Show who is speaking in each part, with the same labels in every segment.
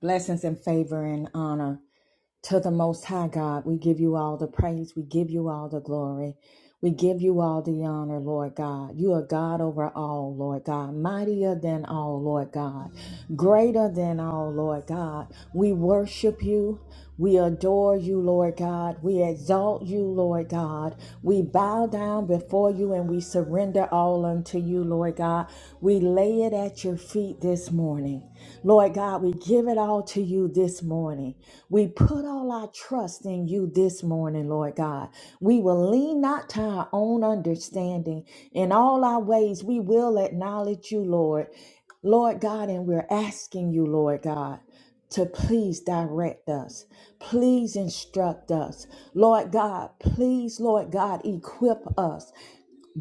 Speaker 1: Blessings and favor and honor to the Most High God. We give you all the praise. We give you all the glory. We give you all the honor, Lord God. You are God over all, Lord God. Mightier than all, Lord God. Greater than all, Lord God. We worship you. We adore you, Lord God. We exalt you, Lord God. We bow down before you and we surrender all unto you, Lord God. We lay it at your feet this morning. Lord God, we give it all to you this morning. We put all our trust in you this morning, Lord God. We will lean not to our own understanding. In all our ways, we will acknowledge you, Lord. Lord God, and we're asking you, Lord God, to please direct us. Please instruct us. Lord God, please, Lord God, equip us.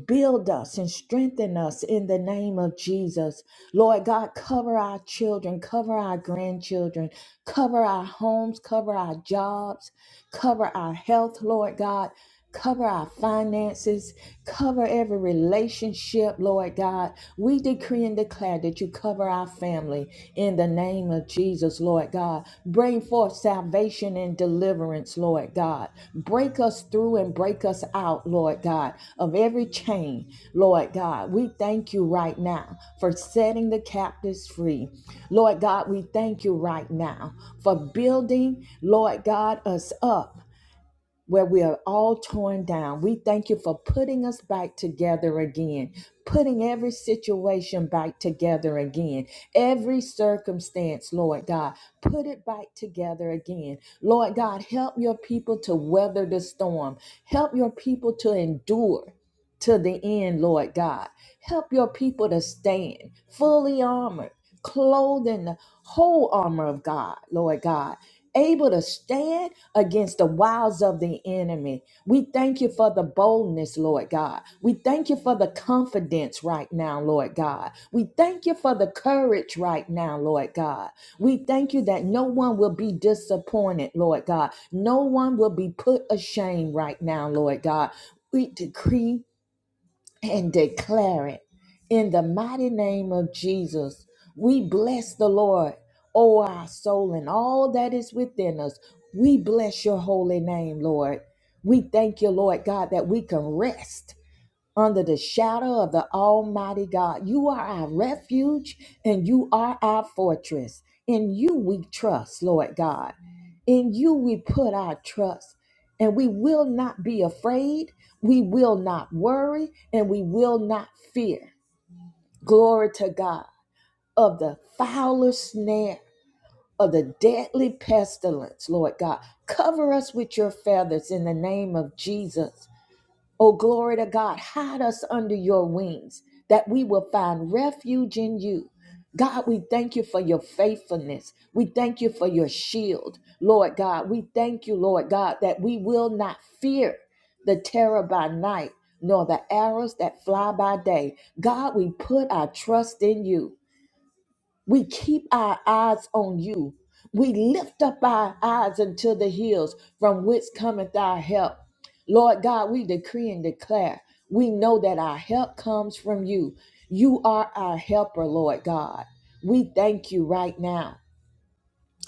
Speaker 1: Build us and strengthen us in the name of Jesus. Lord God, cover our children, cover our grandchildren, cover our homes, cover our jobs, cover our health, Lord God. Cover our finances, cover every relationship, Lord God. We decree and declare that you cover our family in the name of Jesus, Lord God. Bring forth salvation and deliverance, Lord God. Break us through and break us out, Lord God, of every chain, Lord God. We thank you right now for setting the captives free. Lord God, we thank you right now for building, Lord God, us up where we are all torn down. We thank you for putting us back together again, putting every situation back together again, every circumstance, Lord God, put it back together again. Lord God, help your people to weather the storm, help your people to endure. To the end, Lord God. Help your people to stand fully armored, clothed in the whole armor of God, Lord God, able to stand against the wiles of the enemy. We thank you for the boldness, Lord God. We thank you for the confidence right now, Lord God. We thank you for the courage right now, Lord God. We thank you that no one will be disappointed, Lord God. No one will be put ashamed right now, Lord God. We decree and declare it. In the mighty name of Jesus, we bless the Lord, O our soul, and all that is within us. We bless your holy name, Lord. We thank you, Lord God, that we can rest under the shadow of the Almighty God. You are our refuge and you are our fortress. In you we trust, Lord God. In you we put our trust. And we will not be afraid. We will not worry. And we will not fear. Glory to God of the foulest snare of the deadly pestilence, Lord God. Cover us with your feathers in the name of Jesus Oh, glory to God, hide us under your wings that we will find refuge in you. God, we thank you for your faithfulness. We thank you for your shield, Lord God. We thank you, Lord God, that we will not fear the terror by night nor the arrows that fly by day. God, we put our trust in you. We keep our eyes on you. We lift up our eyes unto the hills from which cometh our help. Lord God, we decree and declare. We know that our help comes from you. You are our helper, Lord God. We thank you right now.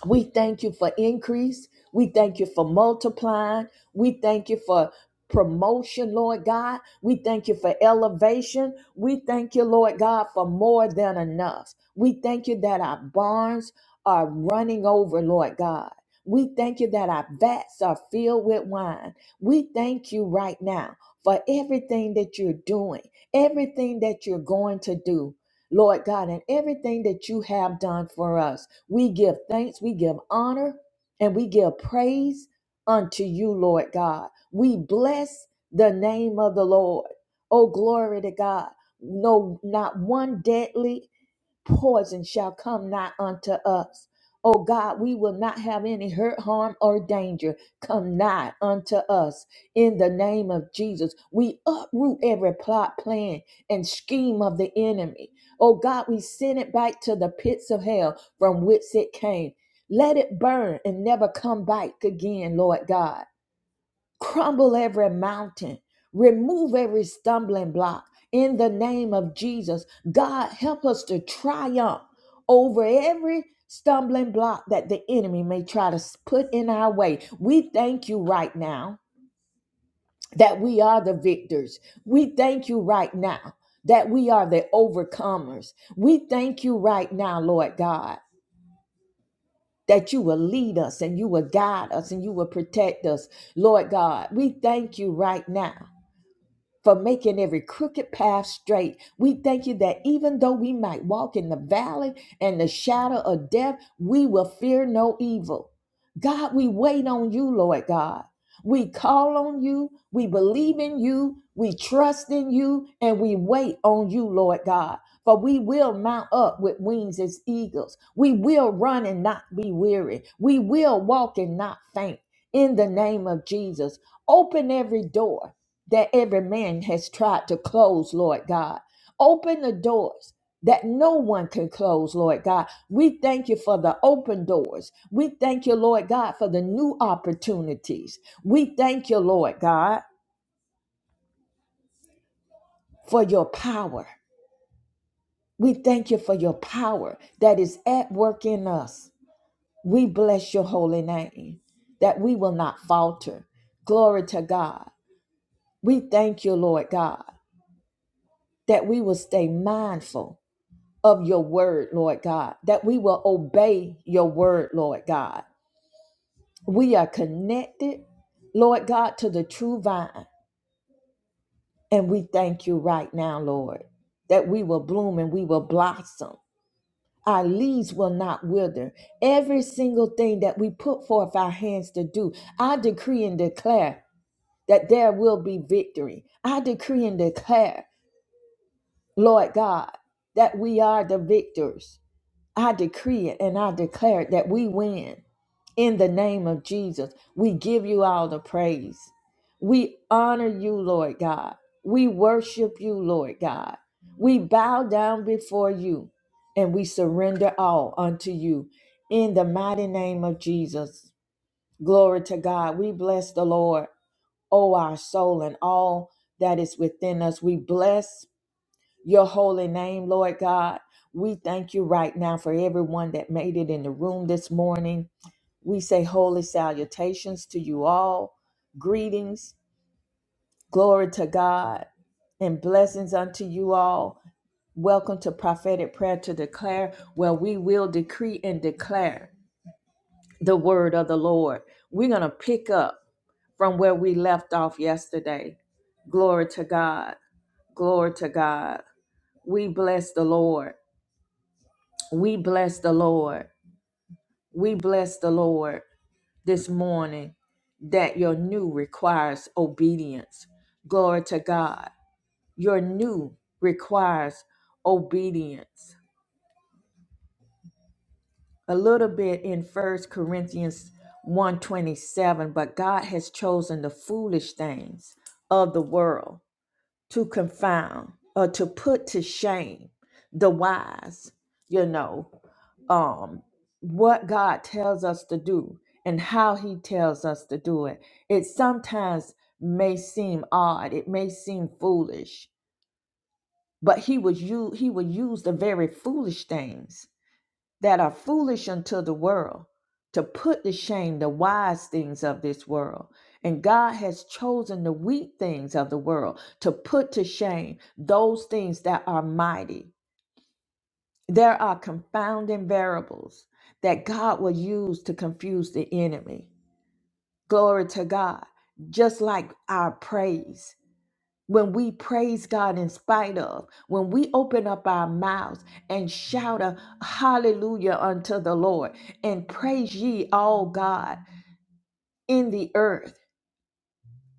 Speaker 1: We thank you for increase. We thank you for multiplying. We thank you for promotion, Lord God. We thank you for elevation. We thank you, Lord God, for more than enough. We thank you that our barns are running over, Lord God. We thank you that our vats are filled with wine. We thank you right now for everything that you're doing, everything that you're going to do, Lord God, and everything that you have done for us. We give thanks, we give honor, and we give praise unto you, Lord God. We bless the name of the Lord. Oh, glory to God. No, not one deadly poison shall come not unto us. O God, we will not have any hurt, harm, or danger come nigh unto us. In the name of Jesus, we uproot every plot, plan, and scheme of the enemy. O God, we send it back to the pits of hell from whence it came. Let it burn and never come back again, Lord God crumble every mountain, remove every stumbling block in the name of Jesus. God, help us to triumph over every stumbling block that the enemy may try to s- put in our way. We thank you right now that we are the victors. We thank you right now that we are the overcomers. We thank you right now, Lord God. That you will lead us and you will guide us and you will protect us, Lord God. We thank you right now for making every crooked path straight. We thank you that even though we might walk in the valley and the shadow of death, we will fear no evil. God, we wait on you, Lord God. We call on you, we believe in you, we trust in you, and we wait on you, Lord God. For we will mount up with wings as eagles. We will run and not be weary. We will walk and not faint. In the name of Jesus, open every door that every man has tried to close, Lord God. Open the doors that no one can close, Lord God. We thank you for the open doors. We thank you, Lord God, for the new opportunities. We thank you, Lord God, for your power. We thank you for your power that is at work in us. We bless your holy name that we will not falter. Glory to God. We thank you, Lord God, that we will stay mindful of your word, Lord God, that we will obey your word, Lord God. We are connected, Lord God, to the true vine. And we thank you right now, Lord, that we will bloom and we will blossom. Our leaves will not wither. Every single thing that we put forth our hands to do, I decree and declare that there will be victory. I decree and declare, Lord God, that we are the victors. I decree it and I declare it that we win In the name of Jesus, we give you all the praise. We honor you, Lord God. We worship you, Lord God. We bow down before you and we surrender all unto you. In the mighty name of Jesus, glory to God. We bless the Lord, oh, our soul, and all that is within us. We bless your holy name, Lord God. We thank you right now for everyone that made it in the room this morning we say holy salutations to you all. Greetings, glory to God, and blessings unto you all. Welcome to prophetic prayer to declare, where we will decree and declare the word of the Lord. We're going to pick up from where we left off yesterday. Glory to God. Glory to God. We bless the Lord. We bless the Lord. We bless the Lord. this morning that your new requires obedience. Glory to God. Your new requires obedience. A little bit in First Corinthians 127, but God has chosen the foolish things of the world to confound or to put to shame the wise, you know, um, what God tells us to do and how He tells us to do it. It sometimes may seem odd, it may seem foolish, but He was you He would use the very foolish things that are foolish unto the world to put to shame the wise things of this world. And God has chosen the weak things of the world to put to shame those things that are mighty. There are confounding variables that God will use to confuse the enemy. Glory to God, just like our praise when we praise God in spite of, when we open up our mouths and shout a hallelujah unto the Lord and praise ye all God in the earth.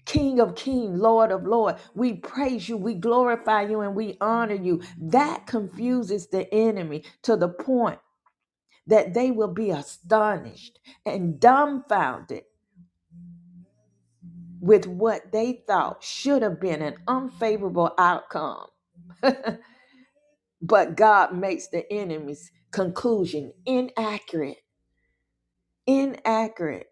Speaker 1: King of King, Lord of Lord, we praise you, we glorify you, and we honor you. That confuses the enemy to the point that they will be astonished and dumbfounded with what they thought should have been an unfavorable outcome but God makes the enemy's conclusion inaccurate. Inaccurate.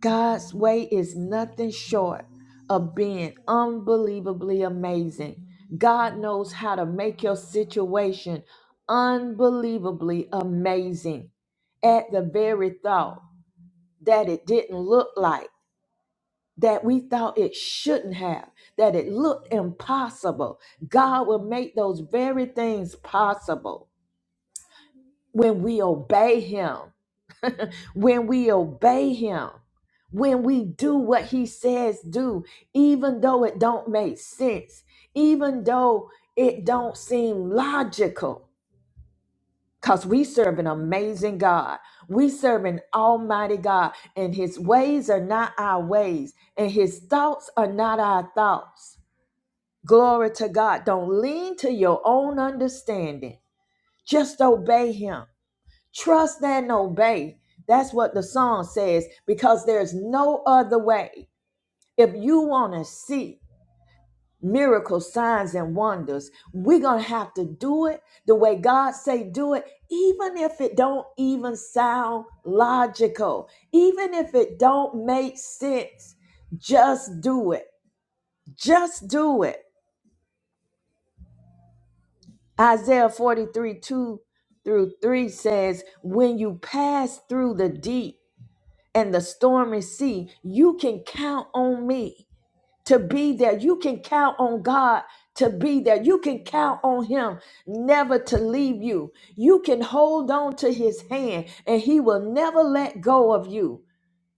Speaker 1: God's way is nothing short of being unbelievably amazing. God knows how to make your situation unbelievably amazing at the very thought that it didn't look like, that we thought it shouldn't have, that it looked impossible. God will make those very things possible when we obey him, when we obey him, when we do what he says do, even though it don't make sense, even though it don't seem logical. Cause we serve an amazing God. We serve an almighty God and his ways are not our ways and his thoughts are not our thoughts. Glory to God. Don't lean to your own understanding. Just obey him. Trust and obey. That's what the song says because there's no other way. If you want to see miracles, signs, and wonders, we're going to have to do it the way God say do it, even if it don't even sound logical, even if it don't make sense. Just do it. Just do it. Isaiah 43 2 through 3 says, When you pass through the deep, and the stormy sea, you can count on me to be there. You can count on God to be there. You can count on Him never to leave you. You can hold on to His hand and He will never let go of you.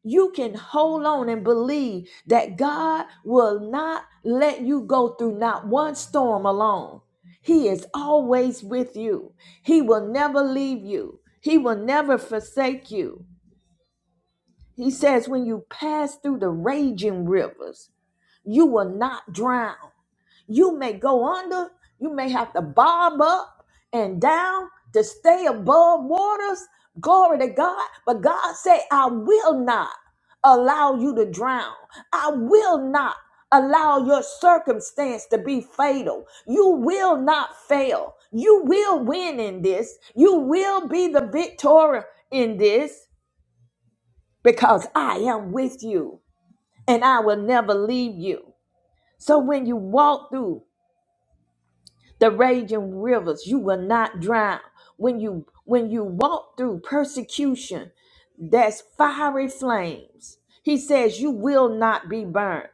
Speaker 1: You can hold on and believe that God will not let you go through not one storm alone. He is always with you. He will never leave you. He will never forsake you. He says, when you pass through the raging rivers, you will not drown. You may go under, you may have to bob up and down to stay above waters. Glory to God. But God said, I will not allow you to drown. I will not allow your circumstance to be fatal. You will not fail. You will win in this. You will be the victor in this because I am with you and I will never leave you. So when you walk through the raging rivers, you will not drown. When you when you walk through persecution, that's fiery flames. He says you will not be burned.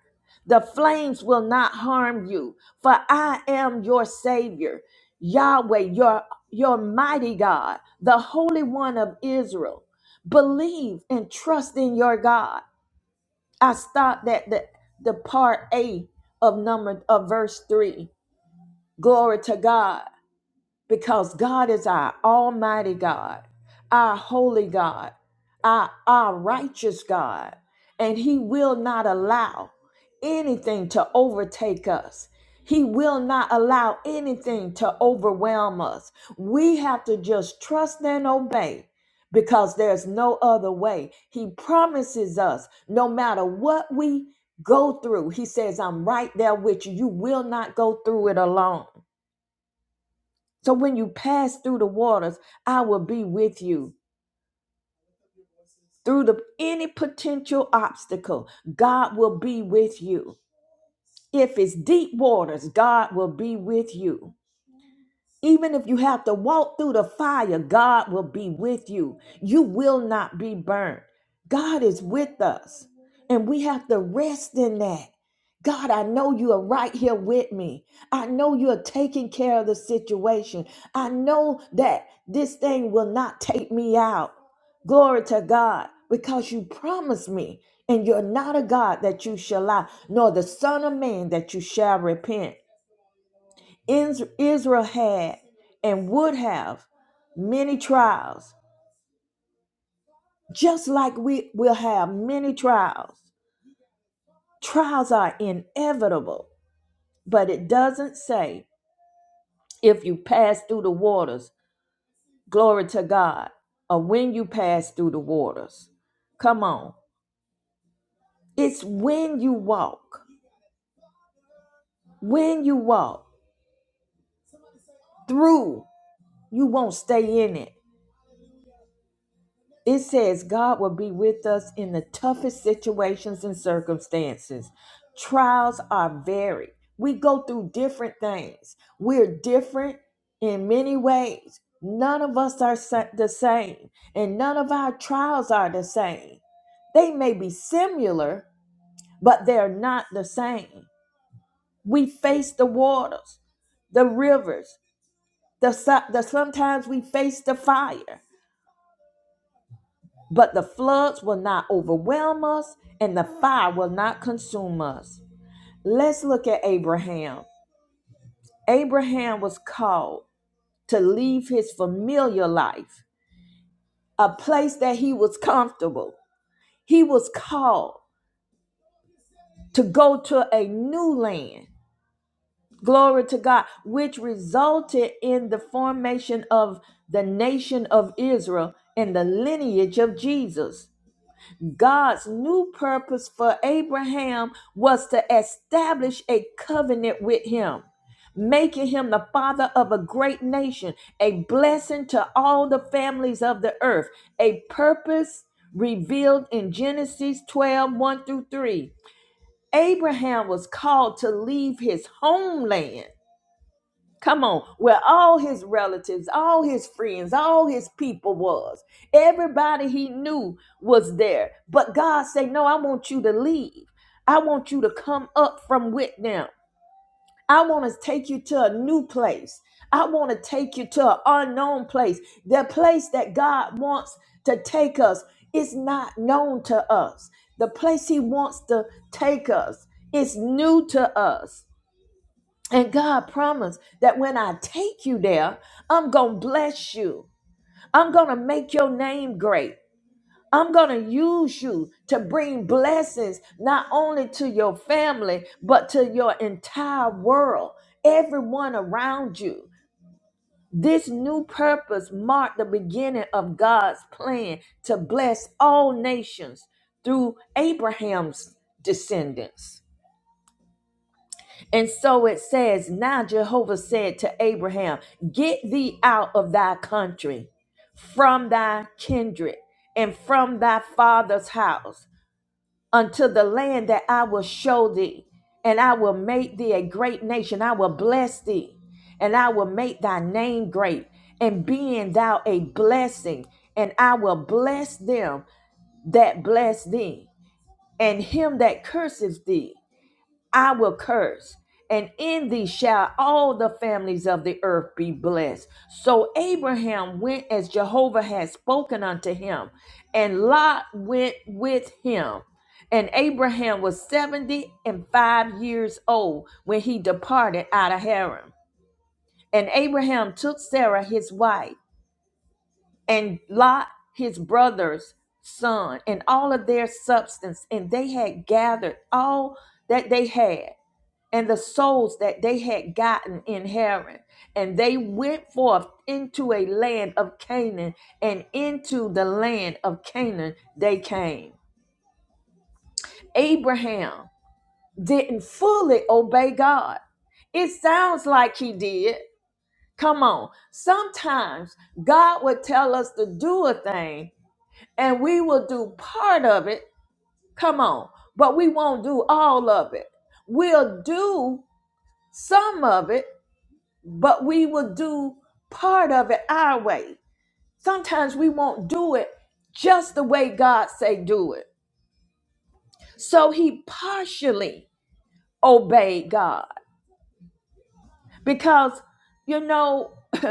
Speaker 1: The flames will not harm you, for I am your savior, Yahweh, your your mighty God, the Holy One of Israel. Believe and trust in your God. I stopped at the, the part A of number of verse three. Glory to God because God is our Almighty God, our holy God, our, our righteous God, and He will not allow anything to overtake us. He will not allow anything to overwhelm us. We have to just trust and obey because there's no other way. He promises us no matter what we go through, He says, I'm right there with you. You will not go through it alone. So when you pass through the waters, I will be with you. Through the any potential obstacle, God will be with you. If it's deep waters, God will be with you. Even if you have to walk through the fire, God will be with you. You will not be burnt. God is with us, and we have to rest in that. God, I know you are right here with me. I know you are taking care of the situation. I know that this thing will not take me out. Glory to God, because you promised me, and you're not a God that you shall lie, nor the Son of Man that you shall repent. Is- Israel had and would have many trials, just like we will have many trials. Trials are inevitable, but it doesn't say if you pass through the waters, glory to God, or when you pass through the waters. Come on. It's when you walk, when you walk through, you won't stay in it. It says God will be with us in the toughest situations and circumstances. Trials are varied. We go through different things. We're different in many ways. None of us are sa- the same, and none of our trials are the same. They may be similar, but they're not the same. We face the waters, the rivers, the, so- the sometimes we face the fire. but the floods will not overwhelm us and the fire will not consume us. Let's look at Abraham. Abraham was called to leave his familiar life, a place that he was comfortable. He was called to go to a new land. Glory to God, which resulted in the formation of the nation of Israel and the lineage of Jesus. God's new purpose for Abraham was to establish a covenant with him, making him the father of a great nation, a blessing to all the families of the earth, a purpose revealed in Genesis twelve one through 3. Abraham was called to leave his homeland Come on, where all his relatives, all his friends, all his people was. Everybody he knew was there. But God said, No, I want you to leave. I want you to come up from with them. I want to take you to a new place. I want to take you to an unknown place. The place that God wants to take us is not known to us. The place he wants to take us is new to us. And God promised that when I take you there, I'm going to bless you. I'm going to make your name great. I'm going to use you to bring blessings not only to your family, but to your entire world, everyone around you. This new purpose marked the beginning of God's plan to bless all nations through Abraham's descendants. And so it says, Now Jehovah said to Abraham, Get thee out of thy country, from thy kindred, and from thy father's house, unto the land that I will show thee, and I will make thee a great nation. I will bless thee, and I will make thy name great, and being thou a blessing, and I will bless them that bless thee, and him that curses thee. I will curse, and in thee shall all the families of the earth be blessed. So Abraham went as Jehovah had spoken unto him, and Lot went with him. And Abraham was seventy and five years old when he departed out of Haran. And Abraham took Sarah his wife, and Lot his brother's son, and all of their substance, and they had gathered all that they had and the souls that they had gotten in Haran. And they went forth into a land of Canaan, and into the land of Canaan they came. Abraham didn't fully obey God. It sounds like he did. Come on. Sometimes God will tell us to do a thing, and we will do part of it. Come on. But we won't do all of it. We'll do some of it, but we will do part of it our way. Sometimes we won't do it just the way God say do it. So he partially obeyed God because you know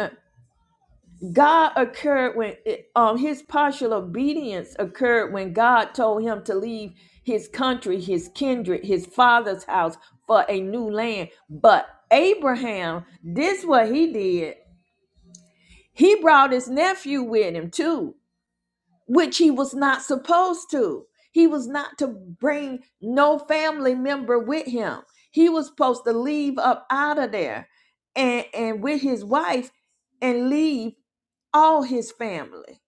Speaker 1: God occurred when it, um his partial obedience occurred when God told him to leave his country, his kindred, his father's house for a new land. But Abraham, this what he did. He brought his nephew with him too which he was not supposed to. He was not to bring no family member with him. He was supposed to leave up out of there and, and with his wife and leave all his family.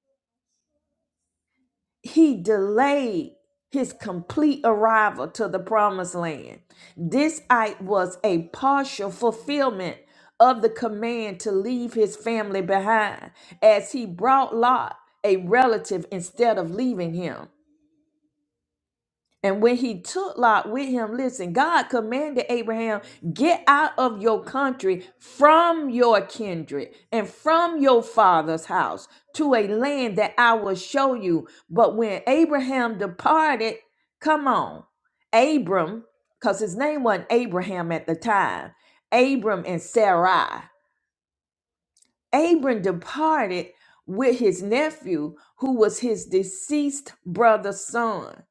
Speaker 1: He delayed his complete arrival to the promised land. This act was a partial fulfillment of the command to leave his family behind, as he brought Lot, a relative, instead of leaving him. And when he took Lot with him, listen, God commanded Abraham, get out of your country, from your kindred, and from your father's house to a land that I will show you. But when Abraham departed, come on, Abram, because his name wasn't Abraham at the time, Abram and Sarai. Abram departed with his nephew, who was his deceased brother's son.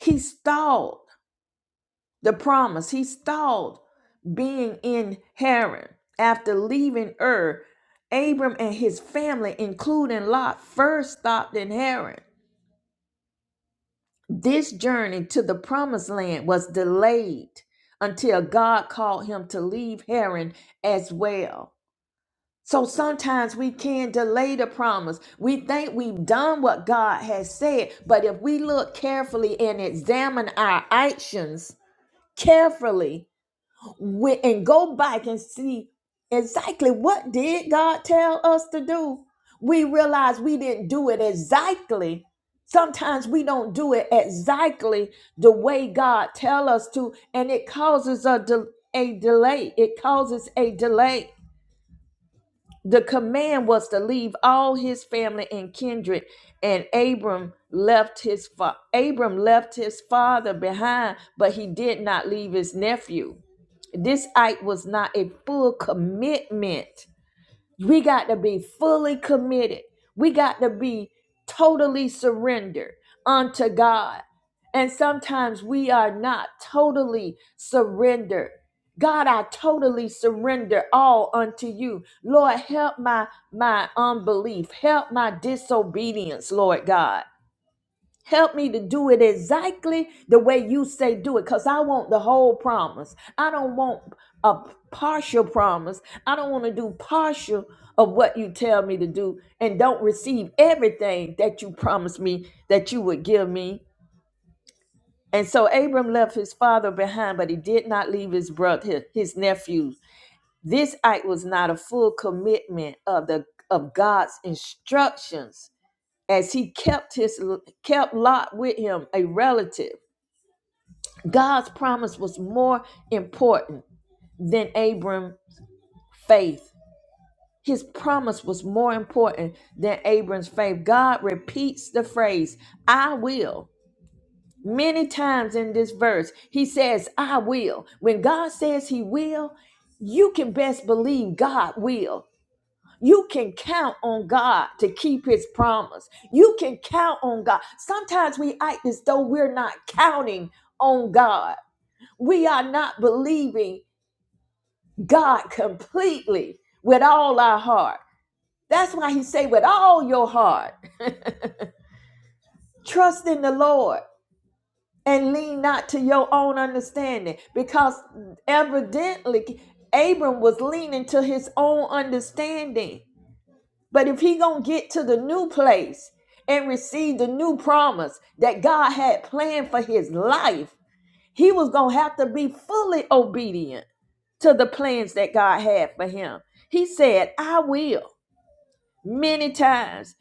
Speaker 1: He stalled the promise. He stalled being in Haran. After leaving Ur, Abram and his family, including Lot, first stopped in Haran. This journey to the promised land was delayed until God called him to leave Haran as well. So sometimes we can delay the promise. We think we've done what God has said, but if we look carefully and examine our actions carefully, went and go back and see exactly what did God tell us to do. We realize we didn't do it exactly. Sometimes we don't do it exactly the way God tell us to, and it causes a, de- a delay. It causes a delay. The command was to leave all his family and kindred, and Abram left his fa- Abram left his father behind, but he did not leave his nephew. This act was not a full commitment. We got to be fully committed. We got to be totally surrendered unto God. And sometimes we are not totally surrendered. God, I totally surrender all unto you. Lord, help my my unbelief. Help my disobedience, Lord God. Help me to do it exactly the way you say do it because I want the whole promise. I don't want a partial promise. I don't want to do partial of what you tell me to do and don't receive everything that you promised me that you would give me. And so Abram left his father behind, but he did not leave his brother, his nephews. This act was not a full commitment of the of God's instructions as he kept his kept Lot with him, a relative. God's promise was more important than Abram's faith. His promise was more important than Abram's faith. God repeats the phrase, I will. Many times in this verse, he says, I will. When God says he will, you can best believe God will. You can count on God to keep his promise. You can count on God. Sometimes we act as though we're not counting on God. We are not believing God completely with all our heart. That's why he say with all your heart, trust in the Lord and lean not to your own understanding because evidently Abram was leaning to his own understanding. But if he going to get to the new place and receive the new promise that God had planned for his life, he was going to have to be fully obedient to the plans that God had for him. He said, "I will." many times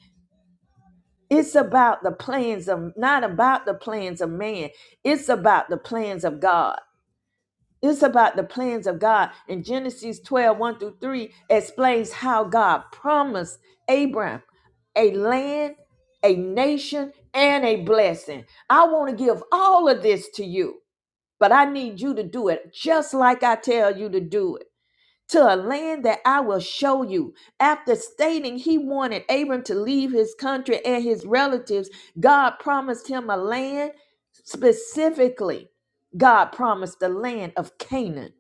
Speaker 1: it's about the plans of not about the plans of man it's about the plans of god it's about the plans of god and genesis twelve one through 3 explains how god promised abraham a land a nation and a blessing i want to give all of this to you but i need you to do it just like i tell you to do it to a land that I will show you. After stating he wanted Abram to leave his country and his relatives, God promised him a land specifically. God promised the land of Canaan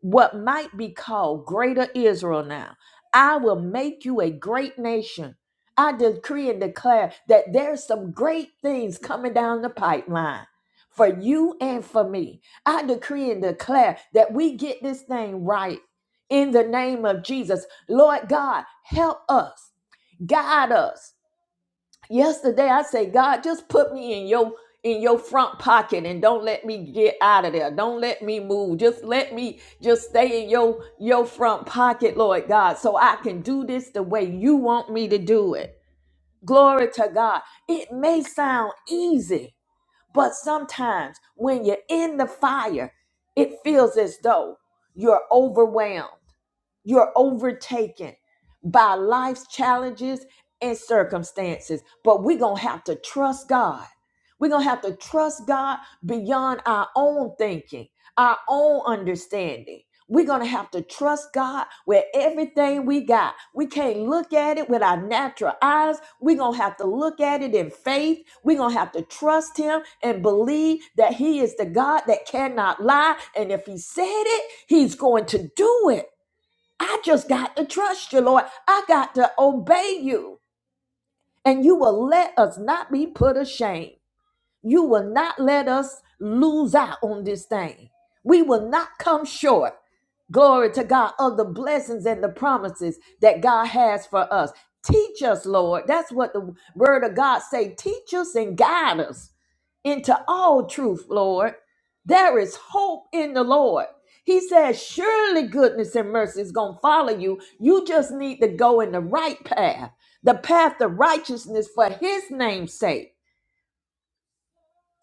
Speaker 1: what might be called Greater Israel now. I will make you a great nation. I decree and declare that there's some great things coming down the pipeline for you and for me. I decree and declare that we get this thing right in the name of Jesus. Lord God, help us, guide us yesterday i say god just put me in your in your front pocket and don't let me get out of there don't let me move just let me just stay in your your front pocket lord god so i can do this the way you want me to do it glory to god it may sound easy but sometimes when you're in the fire it feels as though you're overwhelmed you're overtaken by life's challenges and circumstances. But we're going to have to trust God. We're going to have to trust God beyond our own thinking, our own understanding. We're going to have to trust God with everything we got. We can't look at it with our natural eyes. We're going to have to look at it in faith. We're going to have to trust Him and believe that He is the God that cannot lie. And if He said it, He's going to do it. I just got to trust you, Lord. I got to obey you. And you will let us not be put ashamed. You will not let us lose out on this thing. We will not come short. Glory to God of the blessings and the promises that God has for us. Teach us, Lord. That's what the word of God say. Teach us and guide us into all truth, Lord. There is hope in the Lord. He says, surely goodness and mercy is going to follow you. You just need to go in the right path, the path of righteousness for his name's sake.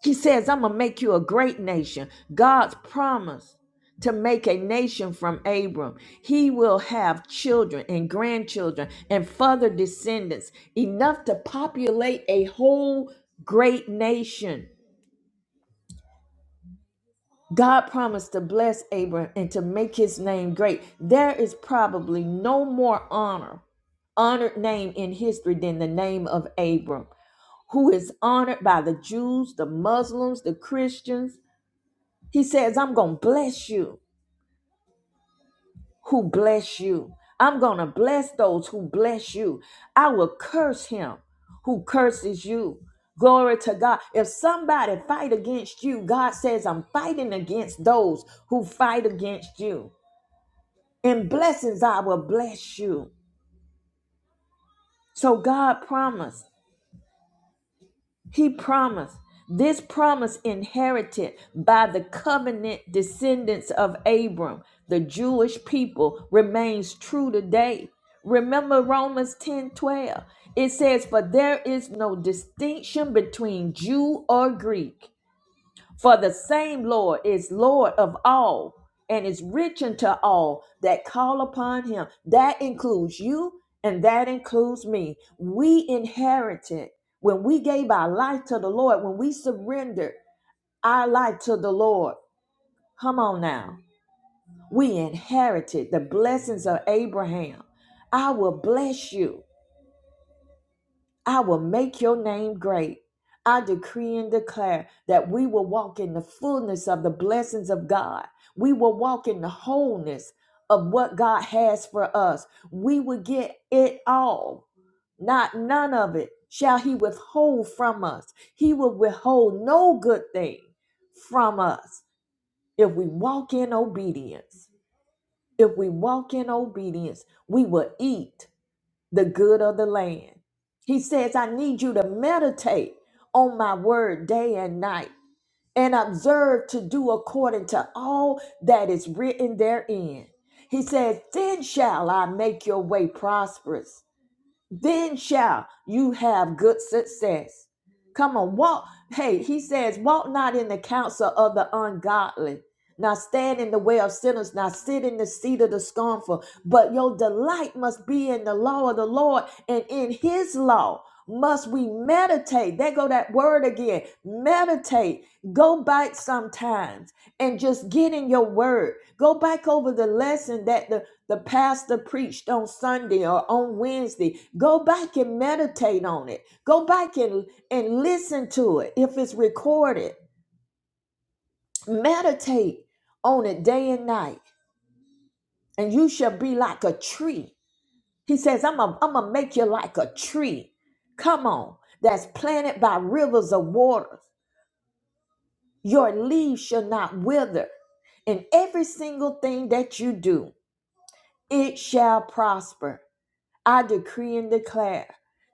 Speaker 1: He says, I'm going to make you a great nation. God's promise to make a nation from Abram. He will have children and grandchildren and further descendants enough to populate a whole great nation. God promised to bless Abram and to make his name great. There is probably no more honor, honored name in history than the name of Abram, who is honored by the Jews, the Muslims, the Christians He says, I'm going to bless you who bless you. I'm going to bless those who bless you. I will curse him who curses you. Glory to God. If somebody fight against you, God says, I'm fighting against those who fight against you. In blessings, I will bless you. So God promised. He promised this promise inherited by the covenant descendants of Abram, the Jewish people, remains true today. Remember Romans 10 12. It says, For there is no distinction between Jew or Greek. For the same Lord is Lord of all and is rich unto all that call upon him. That includes you and that includes me. We inherited when we gave our life to the Lord, when we surrendered our life to the Lord. Come on now. We inherited the blessings of Abraham. I will bless you. I will make your name great. I decree and declare that we will walk in the fullness of the blessings of God. We will walk in the wholeness of what God has for us. We will get it all, not none of it shall He withhold from us. He will withhold no good thing from us if we walk in obedience. If we walk in obedience, we will eat the good of the land. He says, I need you to meditate on my word day and night and observe to do according to all that is written therein. He says, Then shall I make your way prosperous then shall you have good success. Come on, walk. Hey, he says, walk not in the counsel of the ungodly, Now stand in the way of sinners, Now sit in the seat of the scornful. But your delight must be in the law of the Lord, and in his law must we meditate. There go that word again. Meditate. Go back sometimes and just get in your word. Go back over the lesson that the the pastor preached on Sunday or on Wednesday, go back and meditate on it. Go back and, and listen to it if it's recorded. Meditate on it day and night, and you shall be like a tree. He says, I'm going I'm to make you like a tree. Come on, that's planted by rivers of water. Your leaves shall not wither, and every single thing that you do, it shall prosper. I decree and declare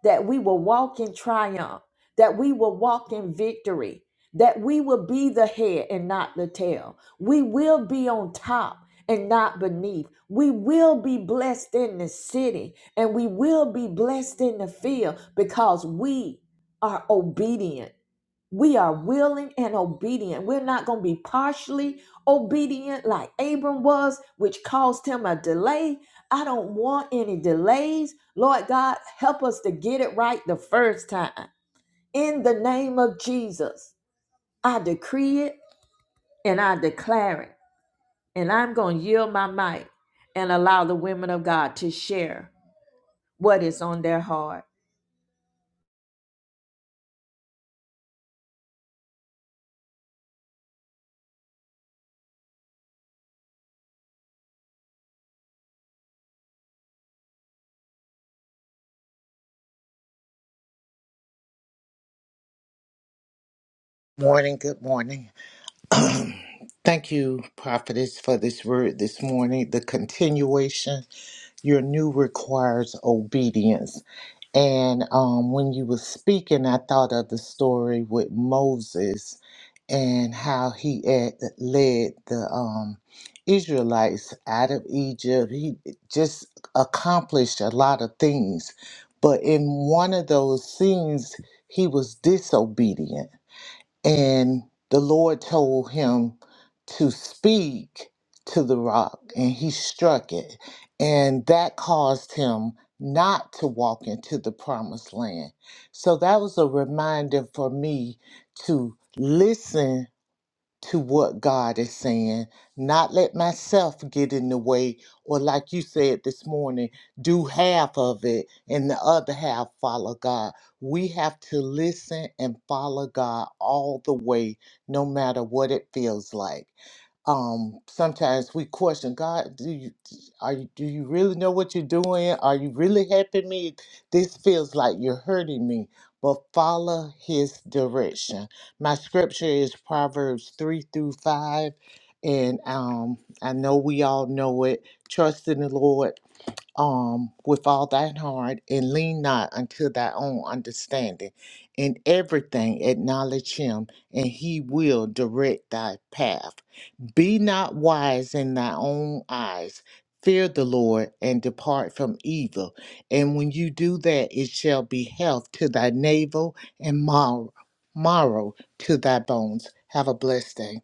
Speaker 1: that we will walk in triumph, that we will walk in victory, that we will be the head and not the tail. We will be on top and not beneath. We will be blessed in the city and we will be blessed in the field because we are obedient we are willing and obedient. We're not going to be partially obedient like Abram was, which caused him a delay. I don't want any delays. Lord God, help us to get it right the first time. In the name of Jesus, I decree it and I declare it. And I'm going to yield my mic and allow the women of God to share what is on their heart.
Speaker 2: Morning, good morning. Um, Thank you, prophetess, for this word this morning. The continuation, your new requires obedience. And um, when you were speaking, I thought of the story with Moses and how he had led the um, Israelites out of Egypt. He just accomplished a lot of things. But in one of those scenes, he was disobedient and the Lord told him to speak to the rock, and he struck it. And that caused him not to walk into the promised land. So that was a reminder for me to listen to what God is saying, not let myself get in the way, or like you said this morning, do half of it and the other half follow God. We have to listen and follow God all the way, no matter what it feels like um sometimes we question god do you are you do you really know what you're doing are you really helping me this feels like you're hurting me but follow his direction my scripture is proverbs 3 through 5 and um i know we all know it trust in the lord um with all thine heart and lean not unto thy own understanding in everything acknowledge him and he will direct thy path be not wise in thy own eyes. Fear the Lord and depart from evil. And when you do that, it shall be health to thy navel and mar- marrow to thy bones. Have a blessed day.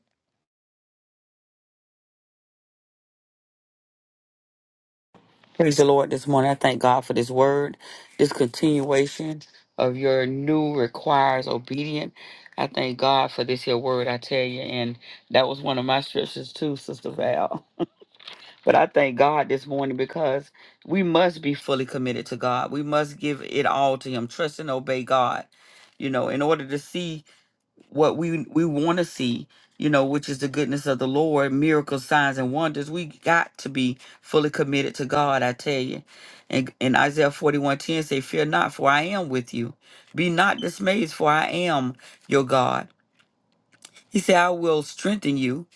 Speaker 3: Praise the Lord this morning. I thank God for this word, this continuation of your new requires obedient. I thank God for this here word, I tell you. And that was one of my scriptures too, Sister Val. But I thank God this morning because we must be fully committed to God. We must give it all to Him, trust and obey God, you know, in order to see what we we want to see you know which is the goodness of the lord miracles signs and wonders we got to be fully committed to god i tell you and in isaiah 41 10, say fear not for i am with you be not dismayed for i am your god he said i will strengthen you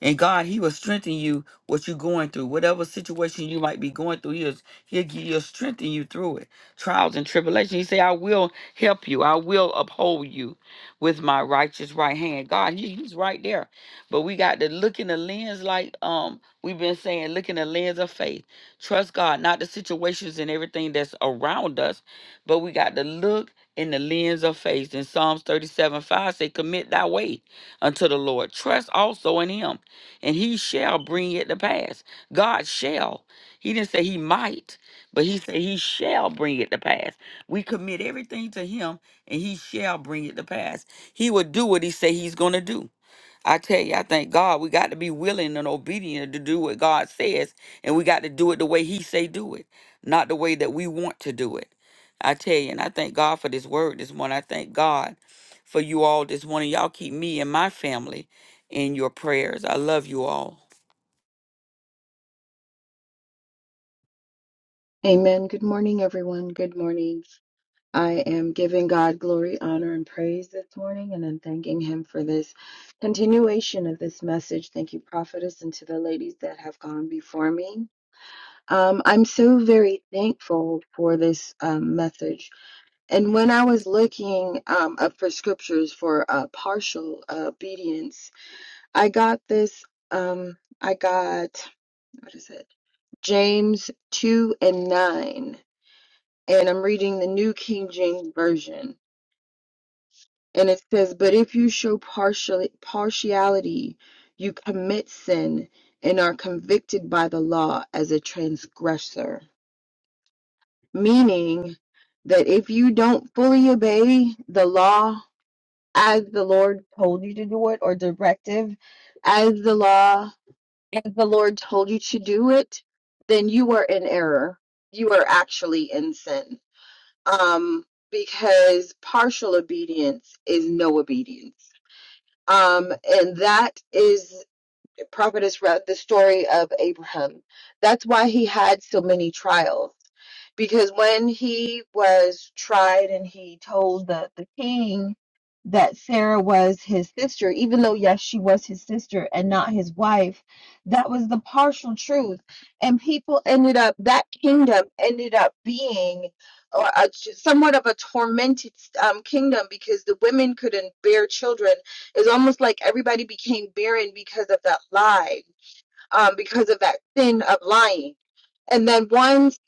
Speaker 3: and God, He will strengthen you what you're going through. Whatever situation you might be going through, He'll, he'll, gi- he'll strengthen you through it. Trials and tribulation. He say, I will help you. I will uphold you with my righteous right hand. God, he, He's right there. But we got to look in the lens like um we've been saying, look in the lens of faith. Trust God, not the situations and everything that's around us, but we got to look in the lens of faith. In Psalms 37, 5 say, commit thy way unto the Lord. Trust also in him and he shall bring it to pass. God shall. He didn't say he might, but he said he shall bring it to pass. We commit everything to him and he shall bring it to pass. He will do what he say he's going to do. I tell you, I thank God we got to be willing and obedient to do what God says, and we got to do it the way He say do it, not the way that we want to do it. I tell you, and I thank God for this word this morning. I thank God for you all this morning. Y'all keep me and my family in your prayers. I love you all.
Speaker 4: Amen. Good morning, everyone. Good morning. I am giving God glory, honor, and praise this morning, and I'm thanking Him for this continuation of this message. Thank you, prophetess, and to the ladies that have gone before me. Um, I'm so very thankful for this um, message. And when I was looking um, up for scriptures for uh, partial obedience, I got this. Um, I got, what is it? James 2 and 9 and I'm reading the New King James Version. And it says, But if you show partial, partiality, you commit sin and are convicted by the law as a transgressor. Meaning that if you don't fully obey the law as the Lord told you to do it, or directive as the law, as the Lord told you to do it, then you are in error. You are actually in sin um, because partial obedience is no obedience. Um, and that is prophetess read the story of Abraham. That's why he had so many trials. Because when he was tried and he told the, the king that Sarah was his sister, even though, yes, she was his sister and not his wife, that was the partial truth. And people ended up, that kingdom ended up being uh, a, somewhat of a tormented um, kingdom because the women couldn't bear children it's almost like everybody became barren because of that lie, um, because of that sin of lying. And then once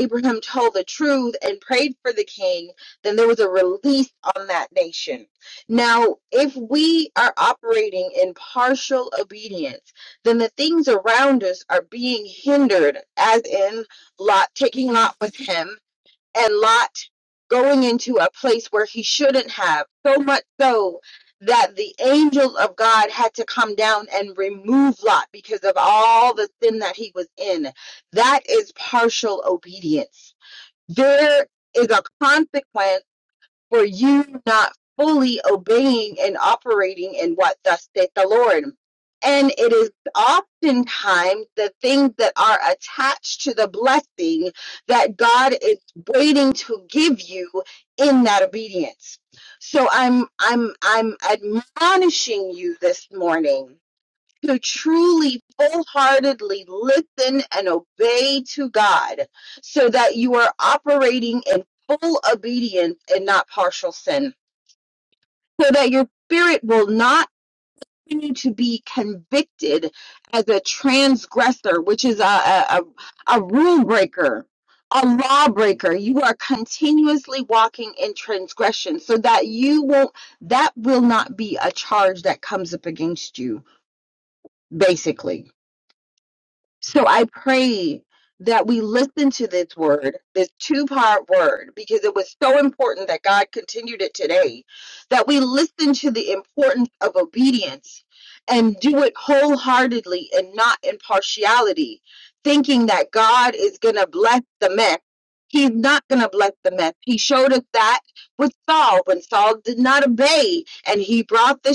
Speaker 4: Abraham told the truth and prayed for the king, then there was a release on that nation. Now, if we are operating in partial obedience, then the things around us are being hindered, as in Lot taking Lot with him and Lot going into a place where he shouldn't have, so much so that the angel of God had to come down and remove Lot because of all the sin that he was in. That is partial obedience. There is a consequence for you not fully obeying and operating in what thus saith the Lord. And it is oftentimes the things that are attached to the blessing that God is waiting to give you in that obedience. So I'm I'm I'm admonishing you this morning to truly wholeheartedly listen and obey to God so that you are operating in full obedience and not partial sin, so that your spirit will not continue to be convicted as a transgressor, which is a, a, a, a rule breaker. A lawbreaker, you are continuously walking in transgression, so that you won't, that will not be a charge that comes up against you, basically So I pray that we listen to this word, this two part word, because it was so important that God continued it today, that we listen to the importance of obedience and do it wholeheartedly and not in partiality, thinking that God is going to bless the mess. He's not going to bless the mess. He showed us that with Saul when Saul did not obey and he brought the